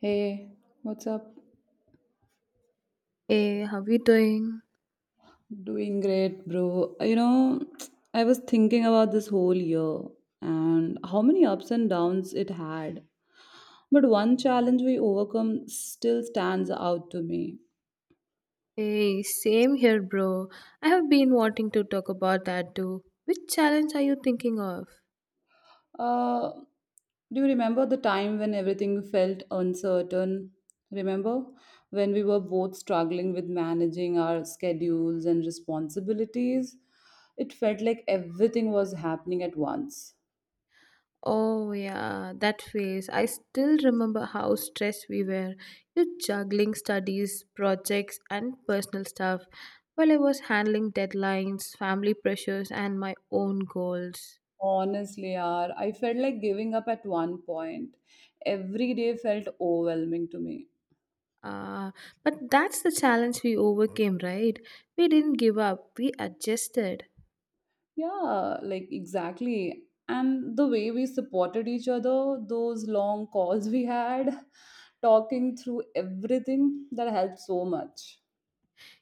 Hey, what's up? Hey, how you doing? Doing great, bro. I was thinking about this whole year and how many ups and downs it had. But one challenge we overcome still stands out to me. Hey, same here, bro. I have been wanting to talk about that too. Which challenge are you thinking of? Uh, do you remember the time when everything felt uncertain? Remember when we were both struggling with managing our schedules and responsibilities? It felt like everything was happening at once. Oh, yeah, that phase. I still remember how stressed we were. You juggling studies, projects, and personal stuff while I was handling deadlines, family pressures, and my own goals. Honestly, yaar, I felt like giving up at one point. Every day felt overwhelming to me. Ah, but that's the challenge we overcame, right? We didn't give up, we adjusted. Yeah, like, exactly. And the way we supported each other, those long calls we had, talking through everything, that helped so much.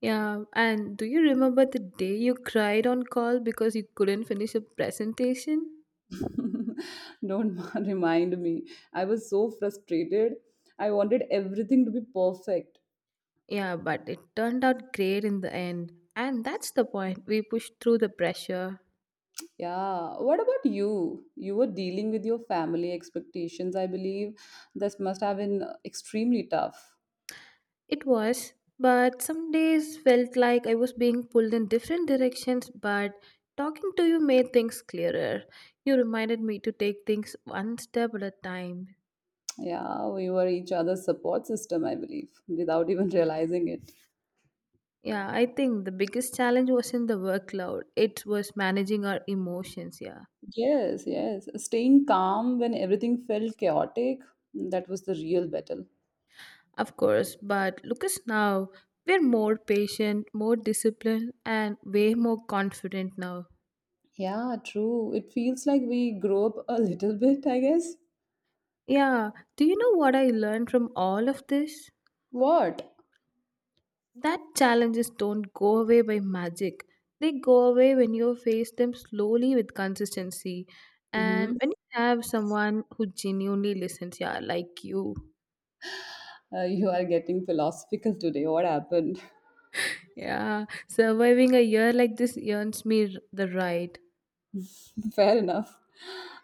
Yeah, and do you remember the day you cried on call because you couldn't finish a presentation? Don't remind me. I was so frustrated. I wanted everything to be perfect. Yeah, but it turned out great in the end. And that's the point. We pushed through the pressure. Yeah, what about you? You were dealing with your family expectations, I believe. This must have been extremely tough. It was, but some days felt like I was being pulled in different directions, but talking to you made things clearer. You reminded me to take things one step at a time. Yeah, we were each other's support system, I believe, without even realizing it. Yeah, I think the biggest challenge wasn't the workload, it was managing our emotions, yeah. Yes, yes. Staying calm when everything felt chaotic, that was the real battle. Of course, but look us now. We're more patient, more disciplined, and way more confident now. Yeah, true. It feels like we grow up a little bit, I guess. Yeah, do you know what I learned from all of this? What? That challenges don't go away by magic. They go away when you face them slowly with consistency and Hmm. when you have someone who genuinely listens, yeah, like you You are getting philosophical today. What happened? Yeah, surviving a year like this earns me the right. Fair enough.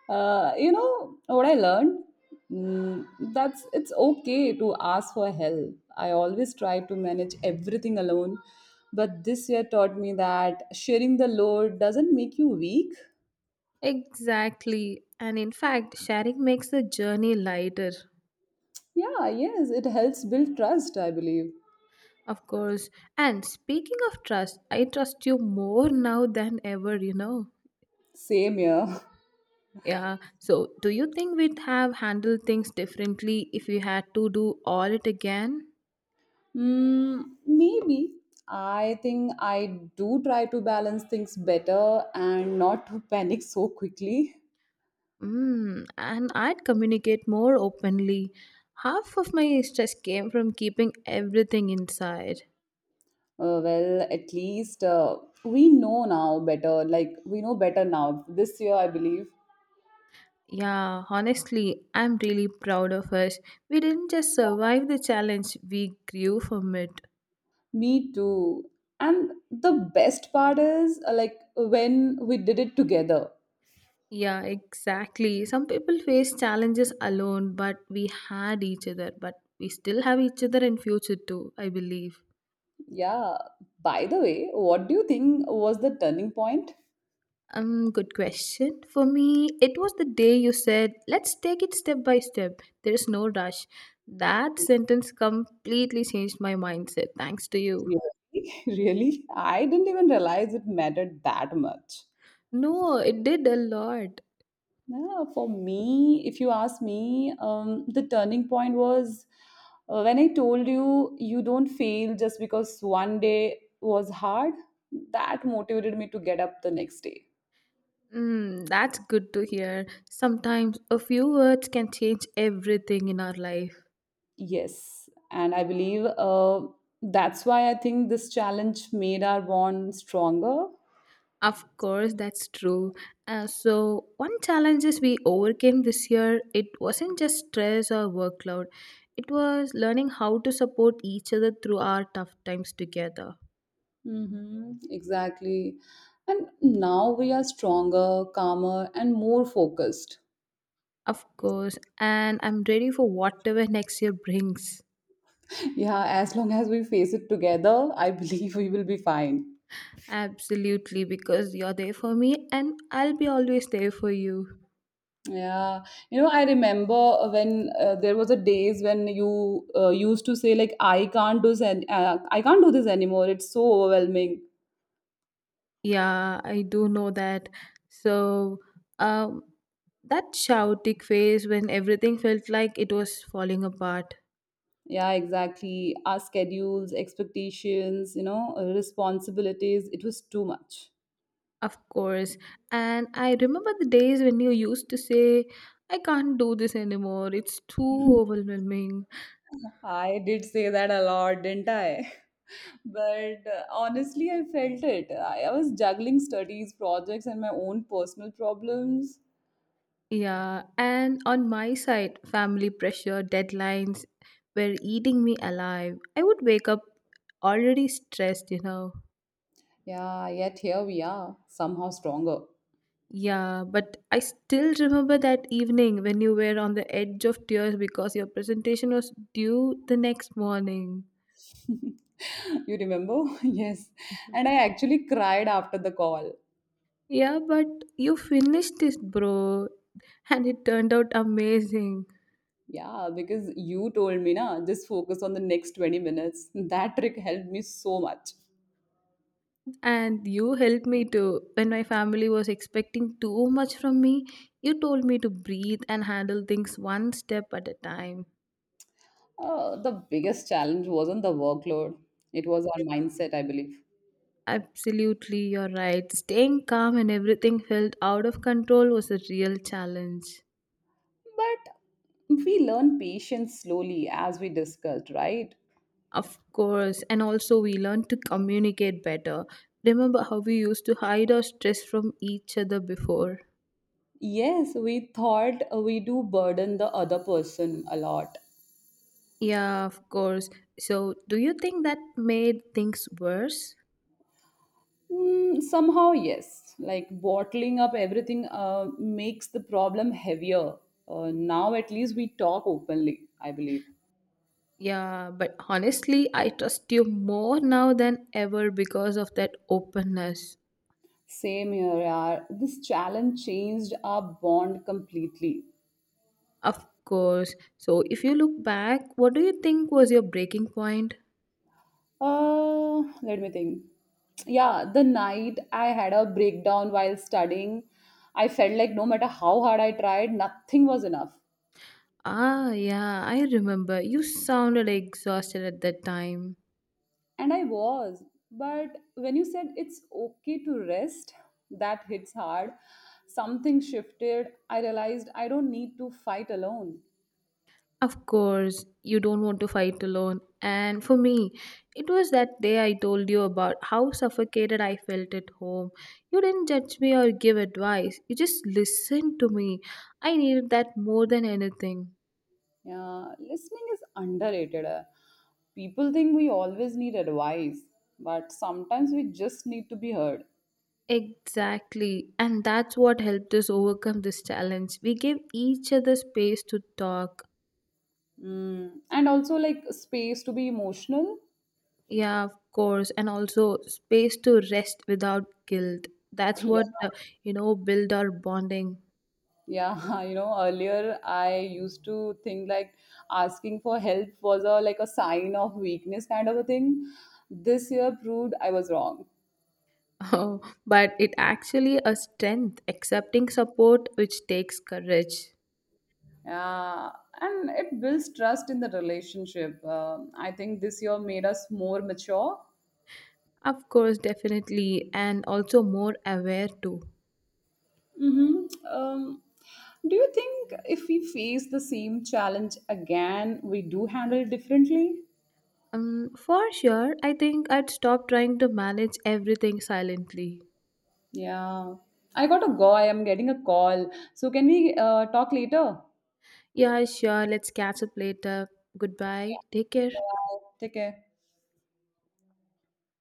You know what I learned? Mm, that's it's okay to ask for help. I always try to manage everything alone, but this year taught me that sharing the load doesn't make you weak. Exactly. And in fact, sharing makes the journey lighter, Yeah, yes, it helps build trust, I believe. of course. And speaking of trust, I trust you more now than ever, you know. Same here. Yeah. So, do you think we'd have handled things differently if we had to do all it again? Mm, maybe. I think I do try to balance things better and not to panic so quickly. Mm, and I'd communicate more openly. Half of my stress came from keeping everything inside. Well, at least we know now better. Like, we know better now. This year, I believe. Yeah, honestly, I'm really proud of us. We didn't just survive the challenge, we grew from it. Me too. And the best part is, like, when we did it together. Yeah, exactly. Some people face challenges alone, but we had each other, but we still have each other in future too, I believe. Yeah. By the way, what do you think was the turning point? Good question. For me, it was the day you said, let's take it step by step. There is no rush. That sentence completely changed my mindset, thanks to you. Really? Really? I didn't even realize it mattered that much. No, it did a lot. Yeah, for me, if you ask me, the turning point was when I told you you don't fail just because one day was hard. That motivated me to get up the next day. Mm, that's good to hear. Sometimes a few words can change everything in our life. Yes, and I believe that's why I think this challenge made our bond stronger. Of course, that's true. So, one challenges we overcame this year, it wasn't just stress or workload. It was learning how to support each other through our tough times together. Mm-hmm, exactly. And now we are stronger, calmer, and more focused. Of course, and I'm ready for whatever next year brings. Yeah, as long as we face it together, I believe we will be fine. Absolutely, because you're there for me and I'll be always there for you. Yeah, you know, I remember when there was a days when you used to say, like, "I can't do this, I can't do this anymore. It's so overwhelming." Yeah, I do know that. So, um, that chaotic phase when everything felt like it was falling apart, Yeah, exactly. Our schedules, expectations, you know, responsibilities. It was too much. of course. And I remember the days when you used to say, I can't do this anymore, it's too overwhelming. I did say that a lot, didn't I? But honestly, I felt it. I was juggling studies, projects, and my own personal problems. Yeah, and on my side, family pressure, deadlines were eating me alive. I would wake up already stressed, you know. Yeah, yet here we are, somehow stronger. Yeah, but I still remember that evening when you were on the edge of tears because your presentation was due the next morning. You remember? Yes. Yeah, And I actually cried after the call. Yeah, but you finished it, bro, and it turned out amazing. Yeah, because you told me, na, just focus on the next 20 minutes. That trick helped me so much. And you helped me too. When my family was expecting too much from me, you told me to breathe and handle things one step at a time. The biggest challenge wasn't the workload, it was our mindset, I believe. Absolutely, you're right. Staying calm and everything felt out of control was a real challenge. But we learn patience slowly, as we discussed, right? Of course, and also we learn to communicate better. Remember how we used to hide our stress from each other before? Yes, we thought we do burden the other person a lot. Yeah, of course. So, do you think that made things worse? Mm, somehow, yes. Like, bottling up everything makes the problem heavier. Now, at least we talk openly, I believe. Yeah, but honestly, I trust you more now than ever because of that openness. Same here, yaar. This challenge changed our bond completely. Of course. So, if you look back, what do you think was your breaking point? Let me think. Yeah, the night I had a breakdown while studying, I felt like no matter how hard I tried, nothing was enough. Ah, yeah, I remember. You sounded exhausted at that time. And I was. But when you said it's okay to rest, that hits hard. Something shifted. I realized I don't need to fight alone. Of course, you don't want to fight alone. And for me, it was that day I told you about how suffocated I felt at home. You didn't judge me or give advice, you just listened to me. I needed that more than anything. Yeah, listening is underrated. People think we always need advice, but sometimes we just need to be heard. Exactly. And that's what helped us overcome this challenge. We gave each other space to talk. Mm. And also, like, space to be emotional. Yeah, of course. And also space to rest without guilt. That's what, you know, build our bonding. Yeah. You know, earlier I used to think, like, asking for help was a, like, a sign of weakness, kind of a thing. This year proved I was wrong. Oh, but it actually a strength accepting support which takes courage. Yeah, and it builds trust in the relationship. I think this year made us more mature. Of course, definitely, and also more aware too. Hmm. um, do you think if we face the same challenge again, we do handle it differently? For sure, I think I'd stop trying to manage everything silently. Yeah, I got to go, I am getting a call. So can we talk later? Yeah, sure, let's catch up later. Goodbye. Take care. Wow, dicke.